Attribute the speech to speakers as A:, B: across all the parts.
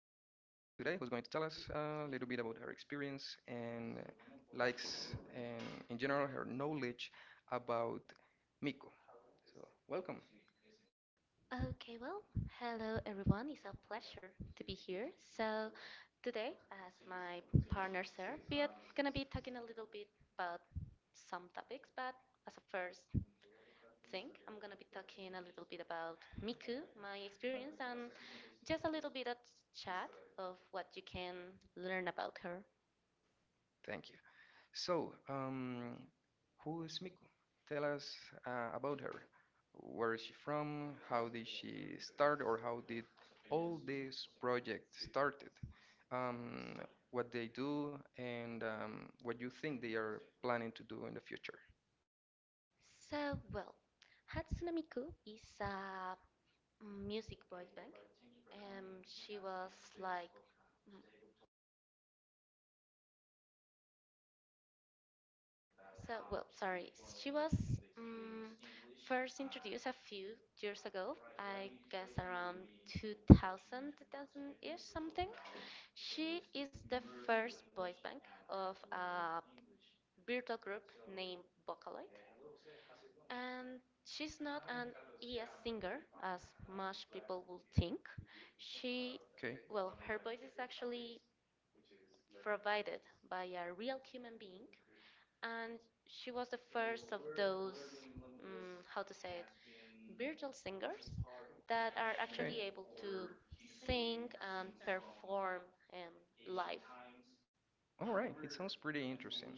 A: today who's going to tell us a little bit about her experience and likes and, in general, her knowledge about Miko. Welcome.
B: Okay, well, hello everyone. It's a pleasure to be here. So, today, as my partner Sarah, we are gonna be talking a little bit about some topics, but as a first thing, I'm gonna be talking a little bit about Miku, my experience, and just a little bit of chat of what you can learn about her.
A: Thank you. So who is Miku? Tell us about her. Where is she from? How did she start, or how did all this project started? Um, what they do, and what you think they are planning to do in the future?
B: So, well, Hatsune Miku is a music boy band. She was like So, well, sorry. She was um, first introduced a few years ago, I guess around 2000, ish something. She is the first voice bank of a virtual group named Vocaloid. And she's not an ES singer, as much people would think. She,
A: Okay.
B: well, her voice is actually provided by a real human being, and she was the first of those, how to say it, virtual singers that are
A: Okay.
B: actually able to sing and perform live.
A: All right, it sounds pretty interesting.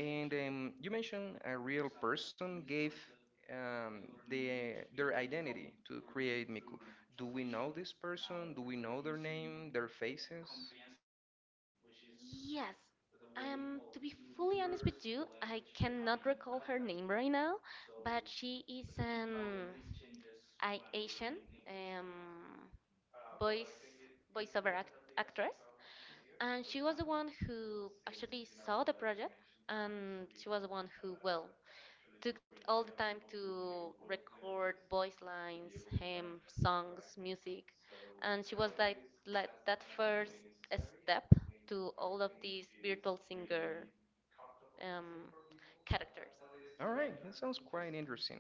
A: And you mentioned a real person gave um, the, their identity to create Miku. Do we know this person? Do we know their name, their faces?
B: Yes, to be fully honest with you, I cannot recall her name right now, but she is an Asian um, voice voiceover act- actress, and she was the one who actually saw the project, and she was the one who, well, took all the time to record voice lines, hymn, songs, music, and she was like that first step to all of these virtual singer um, characters.
A: All right, that sounds quite interesting.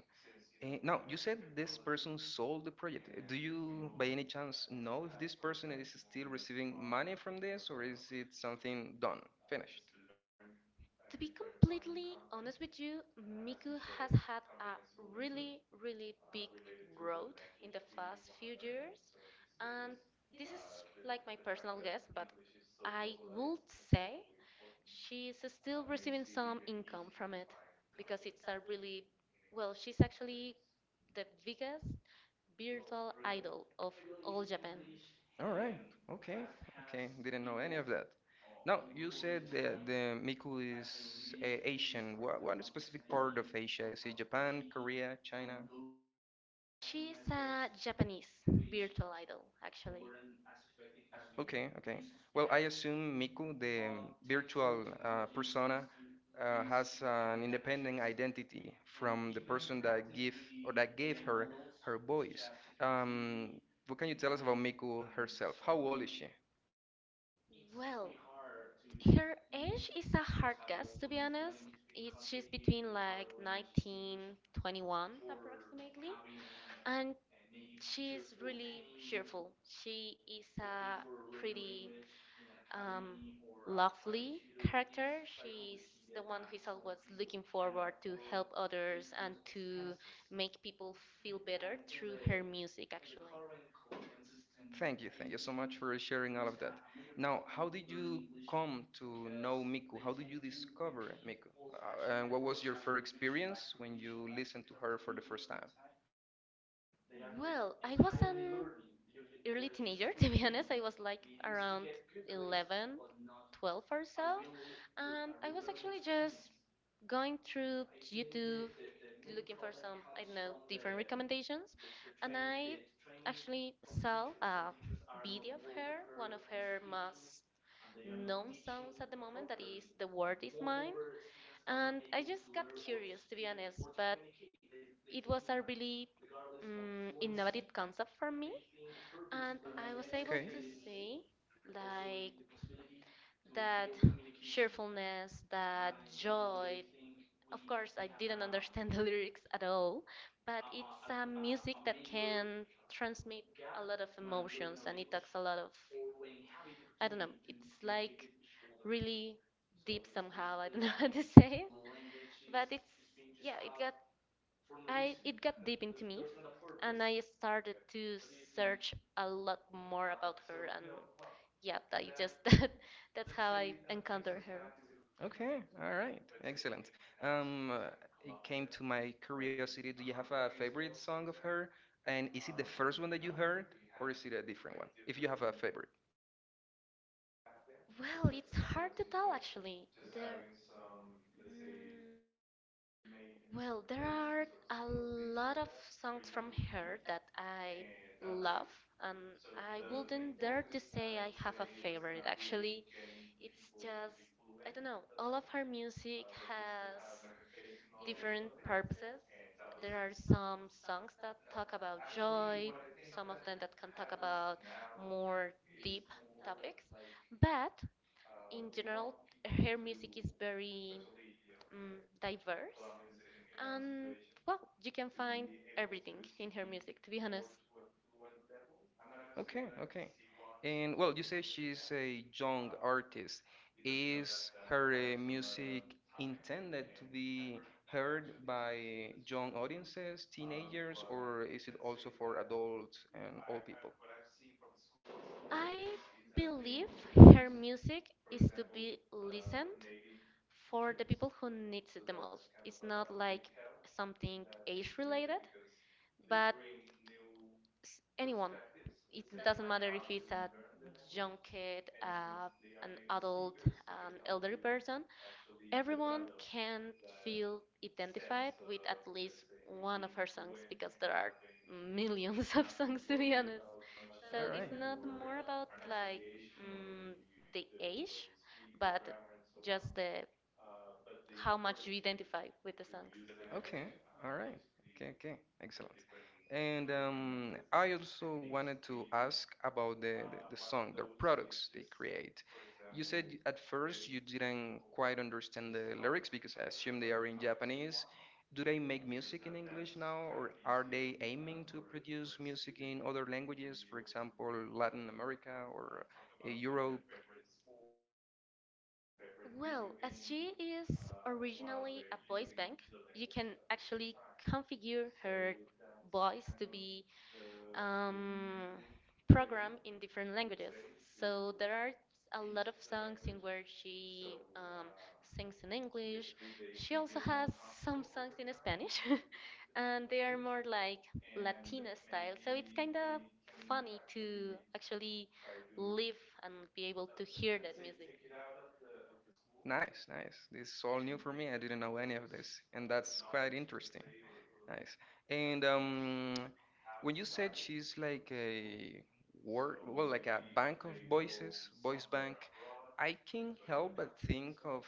A: Eh, now, you said this person sold the project. Eh, do you, by any chance, know if this person is still receiving money from this, or is it something done, finished?
B: To be completely honest with you, Miku has had a really, really big growth in the past few years, and this is like my personal guess, but I would say she's still receiving some income from it because it's a really, well, she's actually the biggest virtual idol of all Japan.
A: All right. Okay. Okay. Didn't know any of that. Now, you said that the Miku is Asian. What specific part of Asia? Is it Japan, Korea, China?
B: She's a Japanese virtual idol, actually.
A: Okay. Okay. Well, I assume Miku, the virtual persona, has an independent identity from the person that give or that gave her her voice. Um, what can you tell us about Miku herself? How old is she?
B: Well, her age is a hard guess, to be honest. She's between like 19, 21 approximately. And she's really cheerful. She is a pretty um, lovely character. She's the one who is always looking forward to help others and to make people feel better through her music, actually.
A: Thank you so much for sharing all of that. Now, how did you come to know Miku? How did you discover Miku? And what was your first experience when you listened to her for the first time?
B: Well, I was an early teenager, to be honest. I was like around 11, 12 or so. And I was actually just going through YouTube, looking for some, I don't know, different recommendations. And I actually saw a video of her, one of her most non-sounds at the moment that is the word is mine, and I just got curious, to be honest, but it was a really innovative concept for me, and I was able to
A: Okay,
B: see like that cheerfulness, that joy. Of course, I didn't understand the lyrics at all, but it's a music that can transmit a lot of emotions, and it talks a lot of, I don't know, it's like really deep somehow. I don't know how to say it, but yeah, it got it got deep into me, and I started to search a lot more about her, and yeah, I just that's how I encountered her.
A: okay, all right, excellent. Um, uh, it came to my curiosity. Do you have a favorite song of her? And is it the first one that you heard, or is it a different one? If you have a favorite.
B: Well, it's hard to tell, actually. There, Mm, Well, there are a lot of songs from her that I love, and I wouldn't dare to say I have a favorite. Actually, it's just, I don't know, all of her music has different purposes. There are some songs that talk about joy, some of them that can talk about more deep topics, but in general, her music is very diverse. Um, well, you can find everything in her music, to be honest.
A: Okay, okay. And well, you say she's a young artist. Is her music intended to be heard by young audiences, teenagers, or is it also for adults and all people?
B: I believe her music is to be listened for the people who needs it the most. It's not like something age related, but anyone. It doesn't matter if it's a young kid, an adult, an elderly person. Everyone can feel identified with at least one of her songs because there are millions of songs, to be honest. So
A: All right.
B: it's not more about like mm, the age, but just the how much you identify with the songs.
A: Okay. All right. Okay, okay. Excellent. And I also wanted to ask about the song, their products they create. You said at first you didn't quite understand the lyrics because I assume they are in Japanese. Do they make music in English now, or are they aiming to produce music in other languages, for example, Latin America or Europe?
B: Well, as she is originally a voice bank, you can actually configure her voice to be um, program in different languages. So there are a lot of songs in where she sings in English. She also has some songs in Spanish, and they are more like Latina style. So it's kind of funny to actually live and be able to hear that music.
A: Nice, nice. This is all new for me. I didn't know any of this, and that's quite interesting. Nice. And when you said she's like a word, well, like a bank of voices, voice bank, I can't help but think of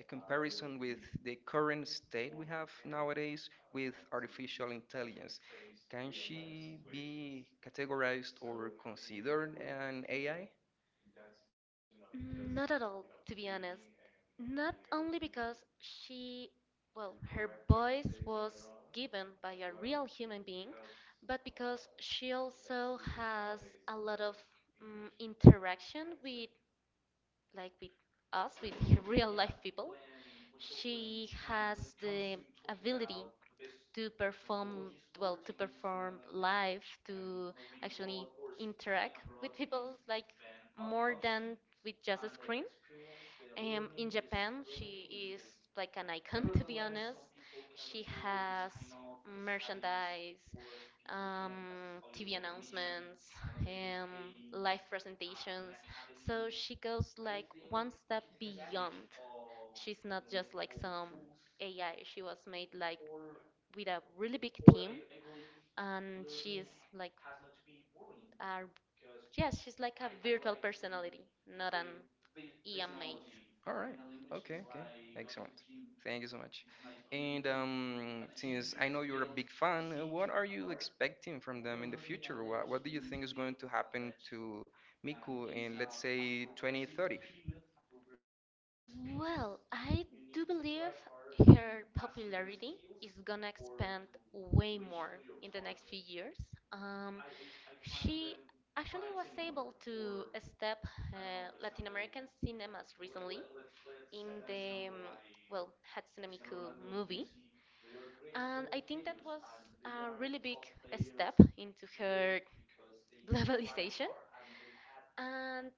A: a comparison with the current state we have nowadays with artificial intelligence. Can she be categorized or considered an AI?
B: Not at all, to be honest. Not only because she, well, her voice was given by a real human being, but because she also has a lot of interaction with, like, with us, with real life people. She has the ability to perform, well, to perform live, to actually interact with people like more than with just a screen. In Japan, she is like an icon, to be honest. She has merchandise, TV announcements, um, live presentations. So she goes like one step beyond. She's not just like some AI. She was made like with a really big team, and she's like a, yes, she's like a virtual personality, not an EM mate.
A: All right. Okay, okay. Excellent. Thank you so much. And since I know you're a big fan, what are you expecting from them in the future? What do you think is going to happen to Miku in, let's say, 2030?
B: Well, I do believe her popularity is gonna expand way more in the next few years. Um, she actually was able to step Latin American cinemas recently in the, well, Hatsune Miku movie. And I think that was a really big step into her globalization. And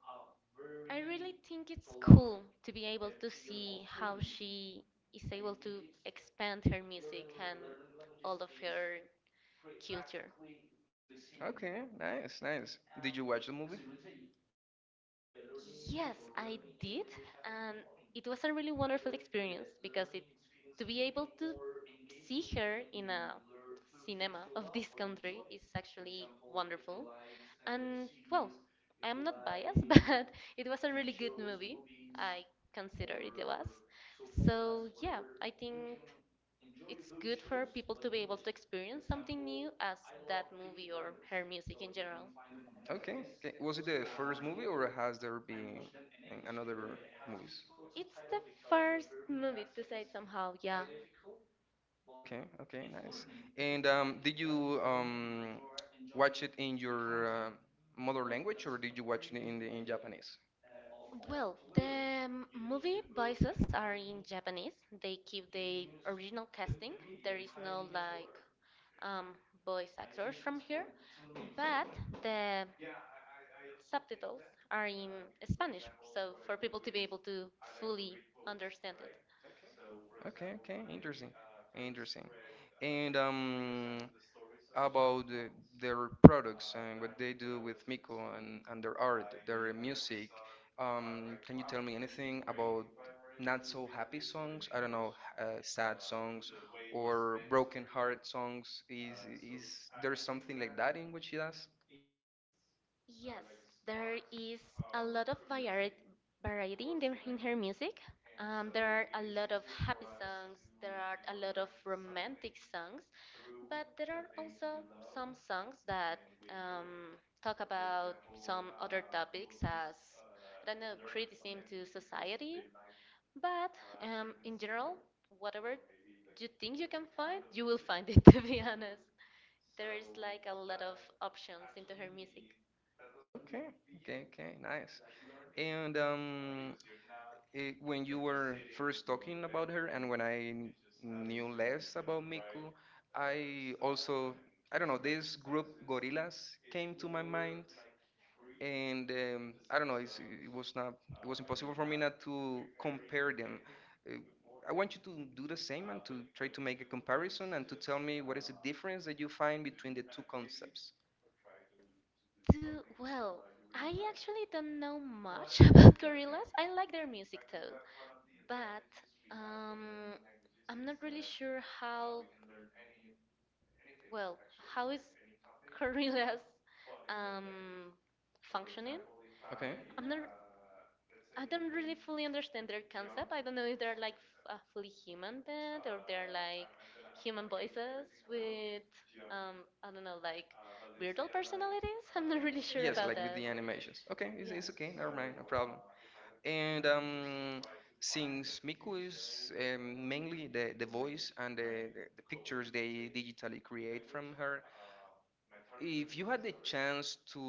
B: I really think it's cool to be able to see how she is able to expand her music and all of her culture.
A: Okay, nice, nice. Did you watch the movie?
B: Yes, I did, and it was a really wonderful experience because it to be able to see her in a cinema of this country is actually wonderful. And well, I'm not biased, but it was a really good movie. I consider it was. So yeah, I think it's good for people to be able to experience something new as that movie or her music in general.
A: Okay, okay. Was it the first movie or has there been another movies?
B: It's the first movie to say it somehow, yeah.
A: Okay, okay, nice. And did you watch it in your uh, mother language or did you watch it in Japanese?
B: Well, the movie voices are in Japanese. They keep the original casting. There is no like um, voice actors from here, but the subtitles are in Spanish, so for people to be able to fully understand it.
A: Okay, okay, interesting, interesting. And how about their products and what they do with Miko and their art, their music. Can you tell me anything about not so happy songs? I don't know, sad songs or broken heart songs. Is there something like that in what she does?
B: Yes, there is a lot of variety in her music. There are a lot of happy songs, there are a lot of romantic songs, but there are also some songs that um, talk about some other topics as, I don't know, criticism to society. But in general, whatever you think you can find, you will find it, to be honest. There is like a lot of options into her music.
A: Okay, okay, okay, nice. And when you were first talking about her and when I knew less about Miku, I also, I don't know, this group Gorillas came to my mind, and I don't know, it was not, it was impossible for me not to compare them. Uh, I want you to do the same and to try to make a comparison and to tell me what is the difference that you find between the two concepts.
B: Do well. I actually don't know much about gorillas. I like their music though, but um, I'm not really sure how well how is gorillas um functioning.
A: Okay.
B: I'm not. I don't really fully understand their concept. I don't know if they're like a fully human band or they're like human voices with um I don't know like weirdo personalities. I'm not really sure
A: Yes,
B: about
A: like with
B: that.
A: the animations. Okay,
B: Yeah.
A: it's okay, never mind, no problem. And since Miku is mainly the voice and the pictures they digitally create from her, if you had the chance to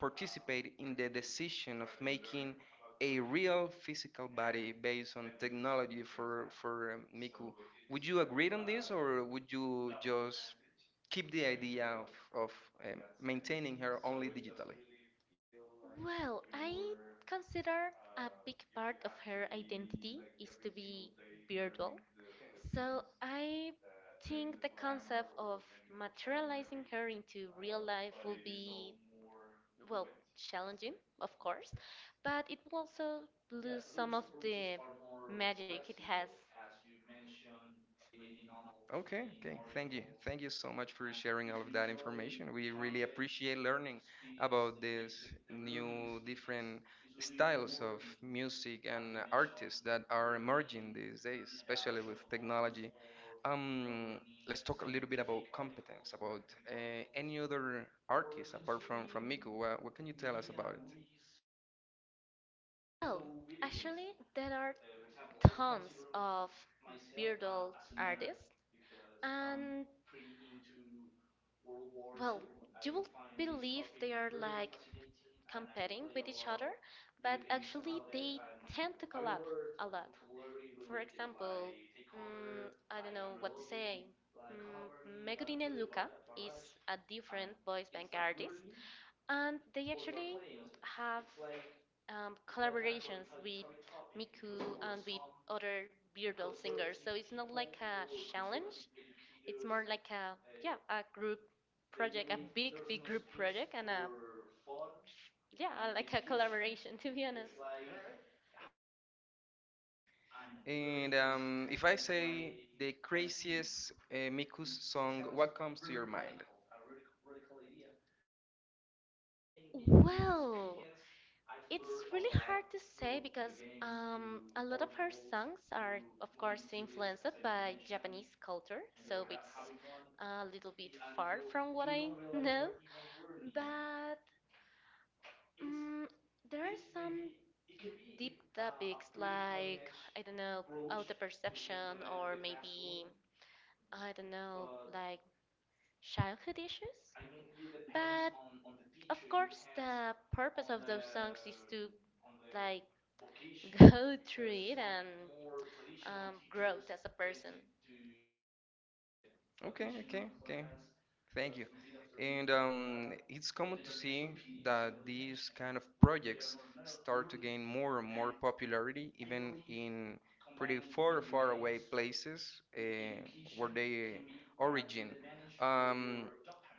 A: participate in the decision of making a real physical body based on technology for, for Miku, would you agree on this or would you just keep the idea of maintaining her only digitally.
B: Well, I consider a big part of her identity is to be virtual. So I think the concept of materializing her into real life will be, well, challenging, of course, but it will also lose some of the magic it has.
A: Okay, okay. Thank you. Thank you so much for sharing all of that information. We really appreciate learning about these new different styles of music and artists that are emerging these days, especially with technology. Um, let's talk a little bit about competence, about any other artists apart from Miku. What can you tell us about it?
B: Well, actually, there are tons of bearded artists, and well, you will believe they are like competing with each other, but actually they tend to collab a lot. For example, I don't know what to say. Megurine Luca is a different voice bank artist, and they actually have collaborations with Miku and with other Beardal singers. So it's not like a challenge. It's more like a, yeah, a group project, a big group project, and a, yeah, like a collaboration to be honest.
A: And if I say the craziest Mikus song, what comes to your mind?
B: Well, it's really hard to say because a lot of her songs are, of course, influenced by Japanese culture, so it's a little bit far from what I know. But um, there are some deep topics like, I don't know, auto perception or maybe, I don't know, like childhood issues. But of course, the purpose of those songs is to like go through it and growth as a person.
A: Okay, okay, okay. Thank you. And it's common to see that these kind of projects start to gain more and more popularity, even in pretty far, far away places where they origin. Um,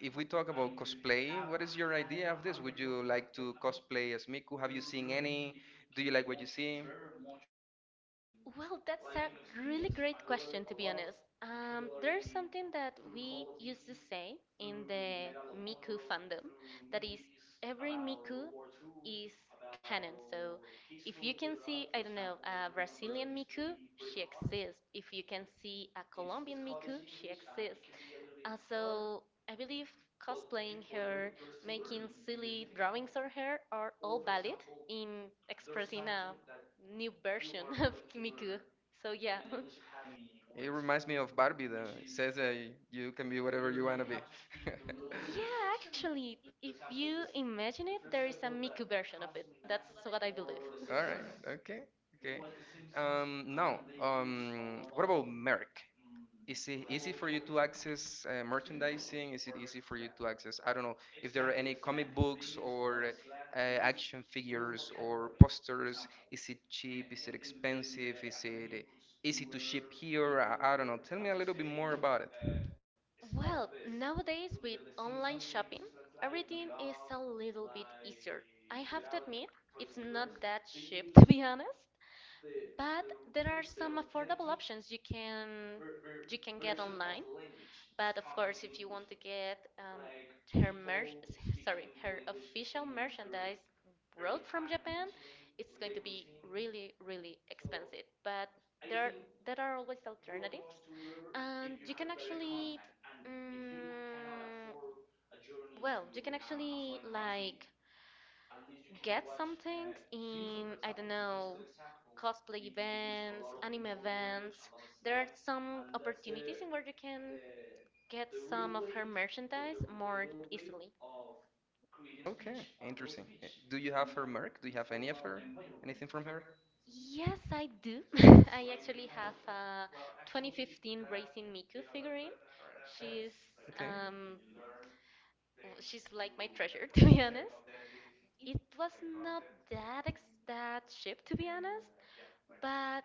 A: if we talk about cosplay, what is your idea of this? Would you like to cosplay as Miku? Have you seen any? Do you like what you see?
B: Well, that's a really great question, to be honest. There's something that we used to say in the Miku fandom that is, every Miku is canon. So if you can see, I don't know, a Brazilian Miku, she exists. If you can see a Colombian Miku, she exists. So I believe cosplaying her, making silly drawings of her are all valid in expressing a new version of Miku. So yeah.
A: It reminds me of Barbie, though. It says that you can be whatever you want to be.
B: Yeah, actually, if you imagine it, there is a Miku version of it. That's what I believe.
A: All right. Okay. Okay. Now, what about Merrick? Is it easy for you to access merchandising? Is it easy for you to access, I don't know, if there are any comic books or action figures or posters? Is it cheap? Is it expensive? Is it easy to ship here? I don't know. Tell me a little bit more about it.
B: Well, nowadays with online shopping, everything is a little bit easier. I have to admit, it's not that cheap to be honest, but there are some affordable options you can get online. But of course, if you want to get her mer, her official merchandise brought from Japan, it's going to be really, really expensive. But there there are always alternatives, and you can actually mm, you can actually like get some things in, I don't know, cosplay events, anime events. There are some opportunities in where you can get some of her merchandise more easily.
A: Okay, interesting. Do you have her mark? Do you have any of her? Anything from her?
B: Yes, I do. I actually have a 2015 Racing Miku figurine. She's
A: Okay.
B: um, she's like my treasure, to be honest. It was not that ex- that cheap, to be honest, but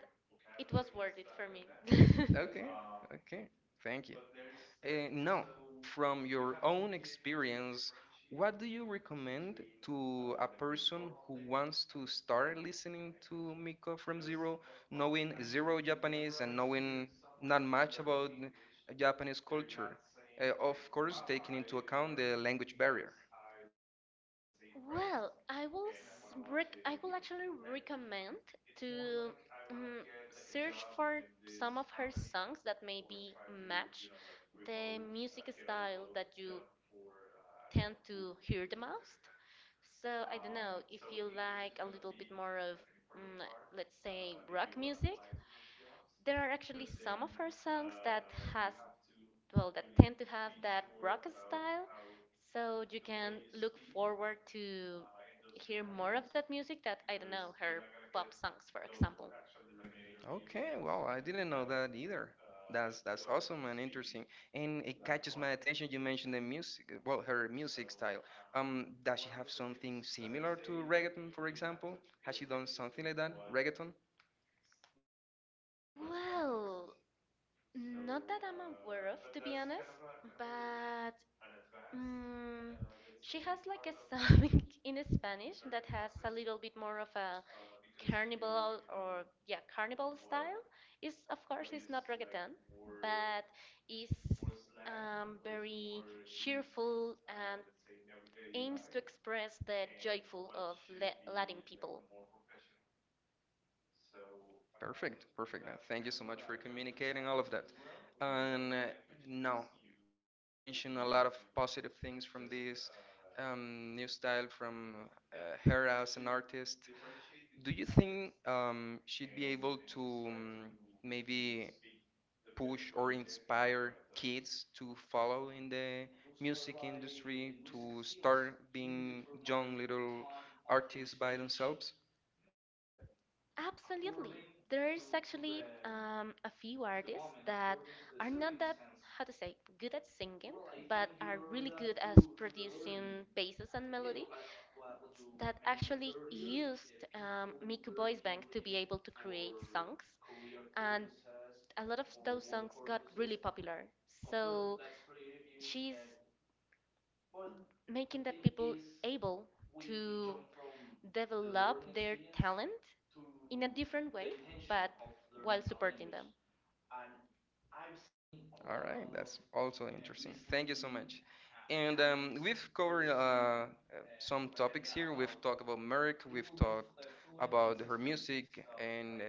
B: it was worth it for me.
A: Okay. Okay. Thank you. Now, from your own experience, what do you recommend to a person who wants to start listening to Miko from zero, knowing zero Japanese and knowing not much about Japanese culture? Of course, taking into account the language barrier.
B: Well, I will actually recommend to um, search for some of her songs that maybe match the music style that you tend to hear the most. So I don't know if you like a little bit more of, mm, let's say, rock music. There are actually some of her songs that has, well, that tend to have that rock style. So you can look forward to hear more of that music that, I don't know, her pop songs, for example.
A: Okay, well, I didn't know that either. That's awesome and interesting. And it catches my attention. You mentioned the music, well, her music style. Does she have something similar to reggaeton, for example? Has she done something like that, reggaeton?
B: Well, not that I'm aware of, to be honest, but mm, she has like a song in Spanish that has a little bit more of a carnival, or yeah, carnival style. Is, of course it's not reggaeton, but it's very cheerful and aims to express the joyful of la Latin people.
A: Perfect, perfect. Thank you so much for communicating all of that. And now you mentioned a lot of positive things from this new style from her as an artist. Do you think she'd be able to maybe push or inspire kids to follow in the music industry to start being young little artists by themselves?
B: Absolutely. There's actually a few artists that are not that, how to say, good at singing, but are really good as producing basses and melody that actually used Miku Voice Bank to be able to create songs. And a lot of those songs got really popular. So she's making that people able to develop their talent in a different way, but while supporting them.
A: All right, that's also interesting. Thank you so much. And we've covered some topics here. We've talked about Merrick, we've talked about her music, and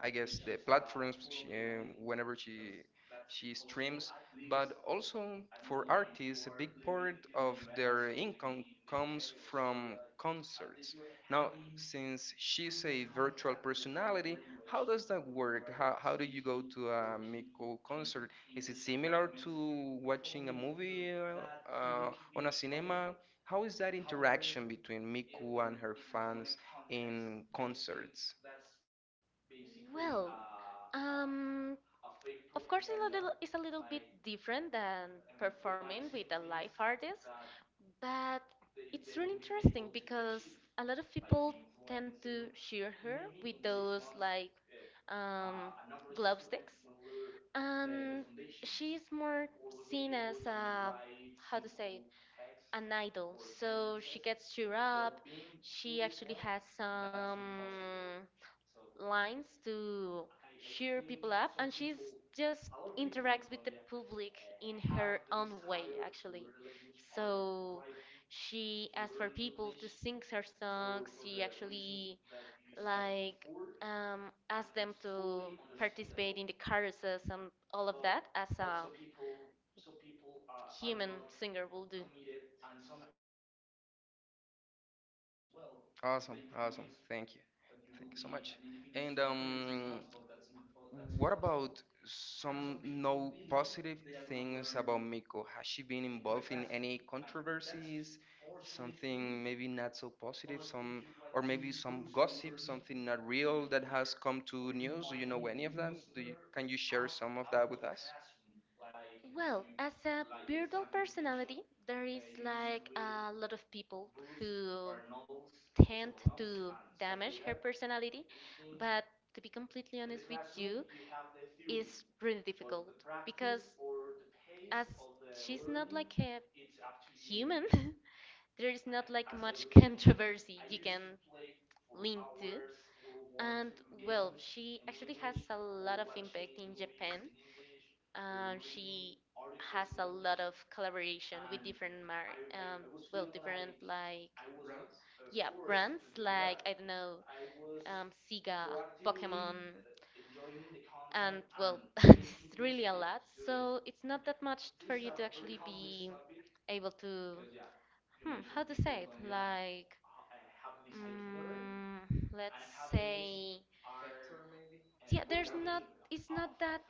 A: I guess the platforms she, whenever she streams but also for artists, a big part of their income comes from concerts. Now, since she's a virtual personality, how does that work? How do you go to a Miko concert? Is it similar to watching a movie uh, on a cinema? How is that interaction between Miku and her fans in concerts?
B: Well, um, of course, it's a little bit different than performing with a live artist, but it's really interesting because a lot of people tend to cheer her with those like um, glow sticks, and she's more seen as a, how to say it, an idol. So she gets cheered up. She actually has some lines to cheer people up, and she's just interacts with the public in her own way, actually. So she asks for people to sing her songs. She actually like asked them to participate in the carousels and all of that as a human singer will do.
A: Awesome, awesome. Thank you. Thank you so much. And what about some no positive things about Miko? Has she been involved in any controversies? Something maybe not so positive, some or maybe some gossip, something not real that has come to news. Do you know any of that? Do you, can you share some of that with us?
B: Well, as a beardal personality, there is like a lot of people who tend to damage her personality, but to be completely honest with you, is really difficult because, as she's not like a human, there is not like much controversy you can lean to. And well, she actually has a lot of impact in Japan. She has a lot of collaboration with different mar well, different like yeah, brands like, I don't know, Sega, Pokemon, and well, it's really a lot. So it's not that much for you to actually be able to, how to say it? Like, mm, let's say, yeah, there's not. It's not that.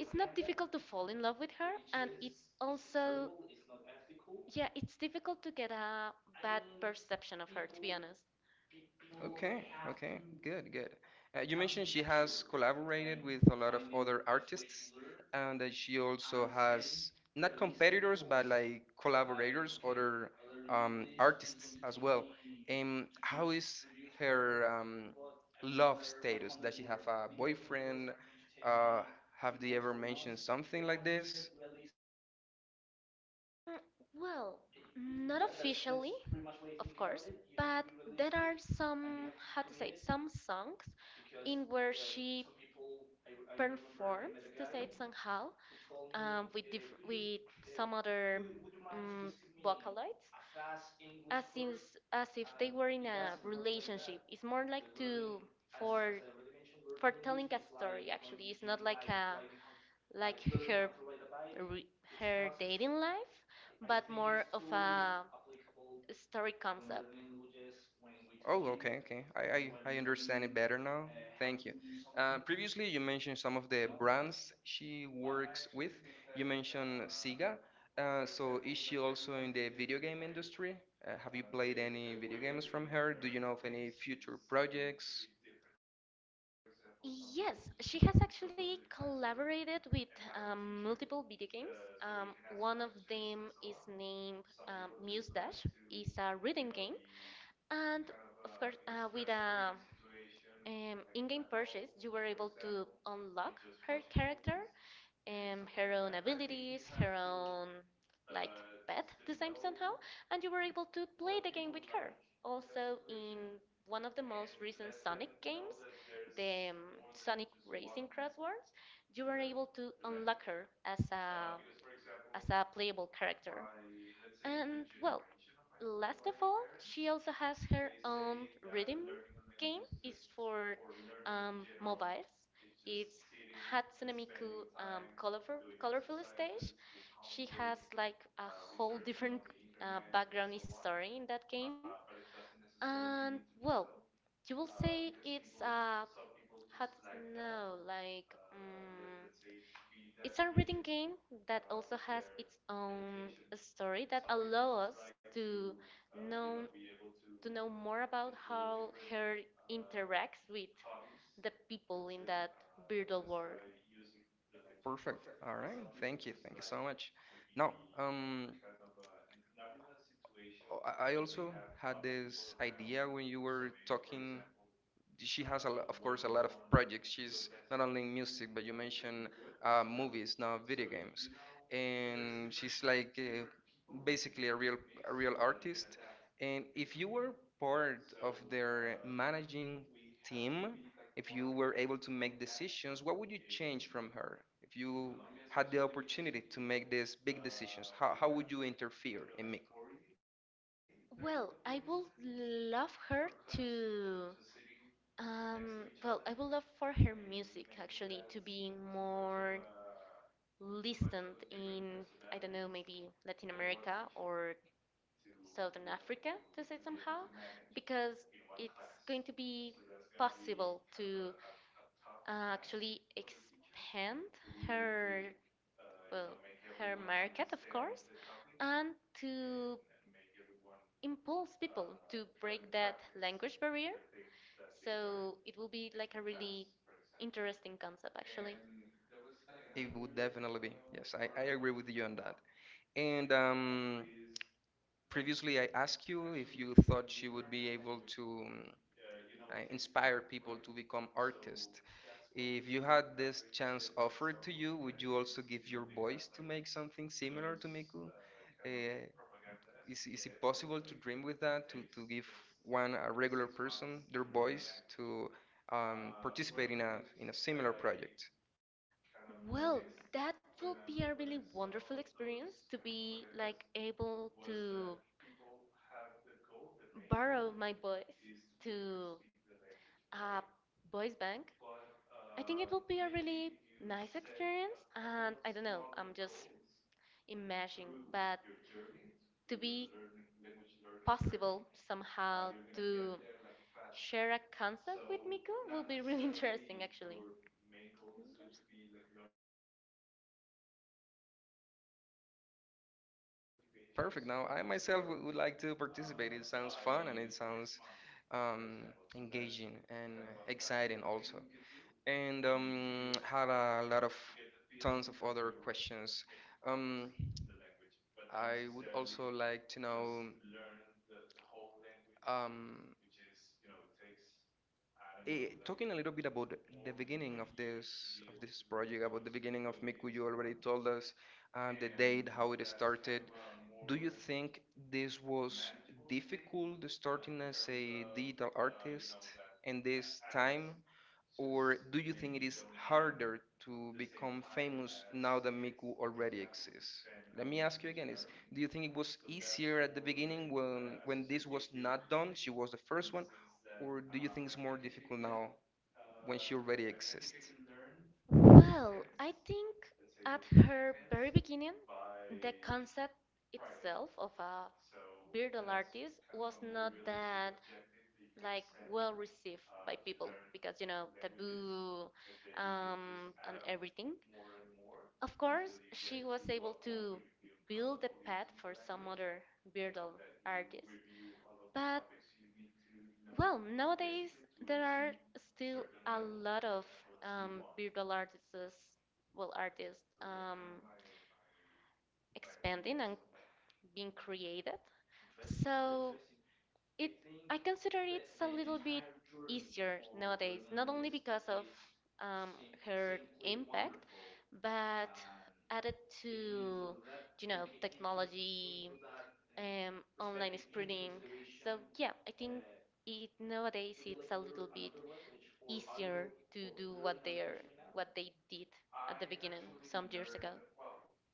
B: It's not difficult to fall in love with her, and it's also. Yeah, it's difficult to get a bad perception of her, to be honest.
A: Okay, okay, good, good. You mentioned she has collaborated with a lot of other artists, and that she also has not competitors, but like collaborators, other artists as well. How is her love status? Does she have a boyfriend? Uh, have they ever mentioned something like this?
B: Well, not officially, of course, but there are some, how to say, some songs in where she performs, to say it somehow, with some other um, vocaloids as if, as if they were in a relationship. It's more like to for for telling a story. Actually, it's not like a like her re- her dating life, but more of a story concept.
A: Oh, okay, okay. I understand it better now. Thank you. Previously, you mentioned some of the brands she works with. You mentioned Sega. So, is she also in the video game industry? Have you played any video games from her? Do you know of any future projects?
B: Yes, she has actually collaborated with multiple video games. Um, one of them is named Muse Dash. It's a rhythm game, and of course, with a in-game purchase, you were able to unlock her character, her own abilities, her own like pet design somehow, and you were able to play the game with her. Also in one of the most recent Sonic games, the Sonic Racing Crossword, you were able to unlock her as a playable character. And well, last of all, she also has her own rhythm game. It's for mobiles. It's Hatsune Miku colorful, colorful stage. She has like a whole different background story in that game. And well, you will say it's how to know, like it's a reading game that also has its own story that allow us to know know more about how her interacts with the people in that virtual world.
A: Perfect. All right. Thank you. Thank you so much. Now, um, I also had this idea when you were talking. She has, a, of course, a lot of projects. She's not only in music, but you mentioned movies, not video games. And she's like basically a real artist. And if you were part of their managing team, if you were able to make decisions, what would you change from her? If you had the opportunity to make these big decisions, how would you interfere in Miko?
B: Well, I would love her to. Well, I would love for her music actually to be more listened in, I don't know, maybe Latin America or Southern Africa, to say it somehow, because it's going to be possible to actually expand her, well, her market, of course, and to impulse people to break that language barrier. So it will be like a really interesting concept actually.
A: It would definitely be. Yes, I agree with you on that. And previously, I asked you if you thought she would be able to inspire people to become artists. If you had this chance offered to you, would you also give your voice to make something similar to Miku? Uh, is it possible to dream with that, to give one, a regular person, their voice to participate in a similar project?
B: Well, that will be a really wonderful experience to be like able to borrow my voice to a voice bank. I think it will be a really nice experience, and I don't know, I'm just imagine, but to be possible somehow to share a concept with Miko will be really interesting actually.
A: Perfect. Now, I myself would like to participate. It sounds fun and it sounds um, engaging and exciting also. And had a lot of tons of other questions. Um, I would also like to know um, talking a little bit about the beginning of this project, about the beginning of Miku, you already told us the date, how it started. Do you think this was difficult starting as a digital artist in this time? Or do you think it is harder to become famous now that Miku already exists? Let me ask you again, is do you think it was easier at the beginning when this was not done, she was the first one, or do you think it's more difficult now when she already exists?
B: Well, I think at her very beginning, the concept itself of a beardal artist was not that like well received by people because, you know, taboo and everything. Of course, she was able to build a path for some other beardal artists, but well, nowadays there are still a lot of beardal artists, well, artists expanding and being created. So it I consider it's a little bit easier nowadays, not only because of um, her impact, but added to, you know, technology, online spreading. So yeah, I think it nowadays it's a little bit easier to do what they're what they did at the beginning some years ago.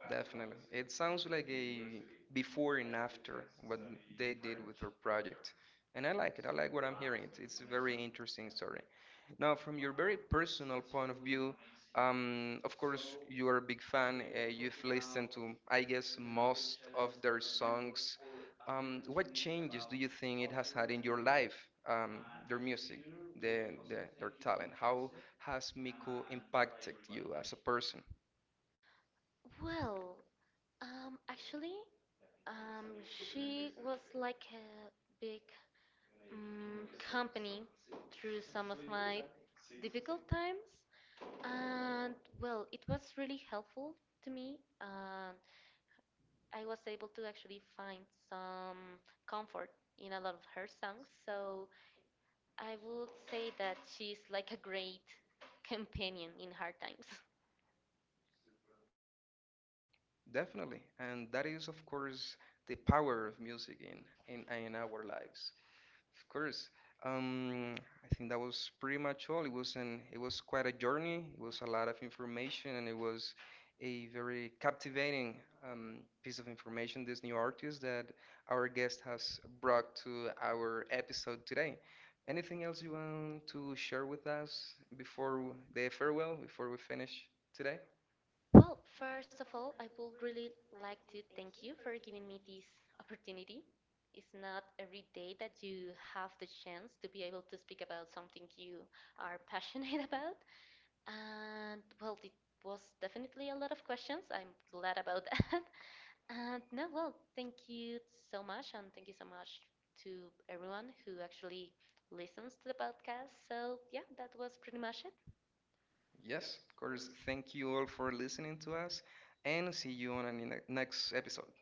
A: Definitely. It sounds like a before and after what they did with their project. And I like it. I like what I'm hearing. It's a very interesting story. Now, from your very personal point of view, of course, you are a big fan. You've listened to, I guess, most of their songs. What changes do you think it has had in your life, their music, their talent? How has Miku impacted you as a person?
B: Well, actually, um, she was like a big mm, company through some of my difficult times. And well, it was really helpful to me. And I was able to actually find some comfort in a lot of her songs. So I would say that she's like a great companion in hard times.
A: Definitely, and that is, of course, the power of music in in our lives. Of course, um, I think that was pretty much all. It was quite a journey. It was a lot of information, and it was a very captivating piece of information. This new artist that our guest has brought to our episode today. Anything else you want to share with us before the farewell? Before we finish today?
B: Well, first of all, I would really like to thank you for giving me this opportunity. It's not every day that you have the chance to be able to speak about something you are passionate about. And well, it was definitely a lot of questions. I'm glad about that. And no, well, thank you so much, and thank you so much to everyone who actually listens to the podcast. So, yeah, that was pretty much it.
A: Yes, of course. Thank you all for listening to us and see you on the next episode.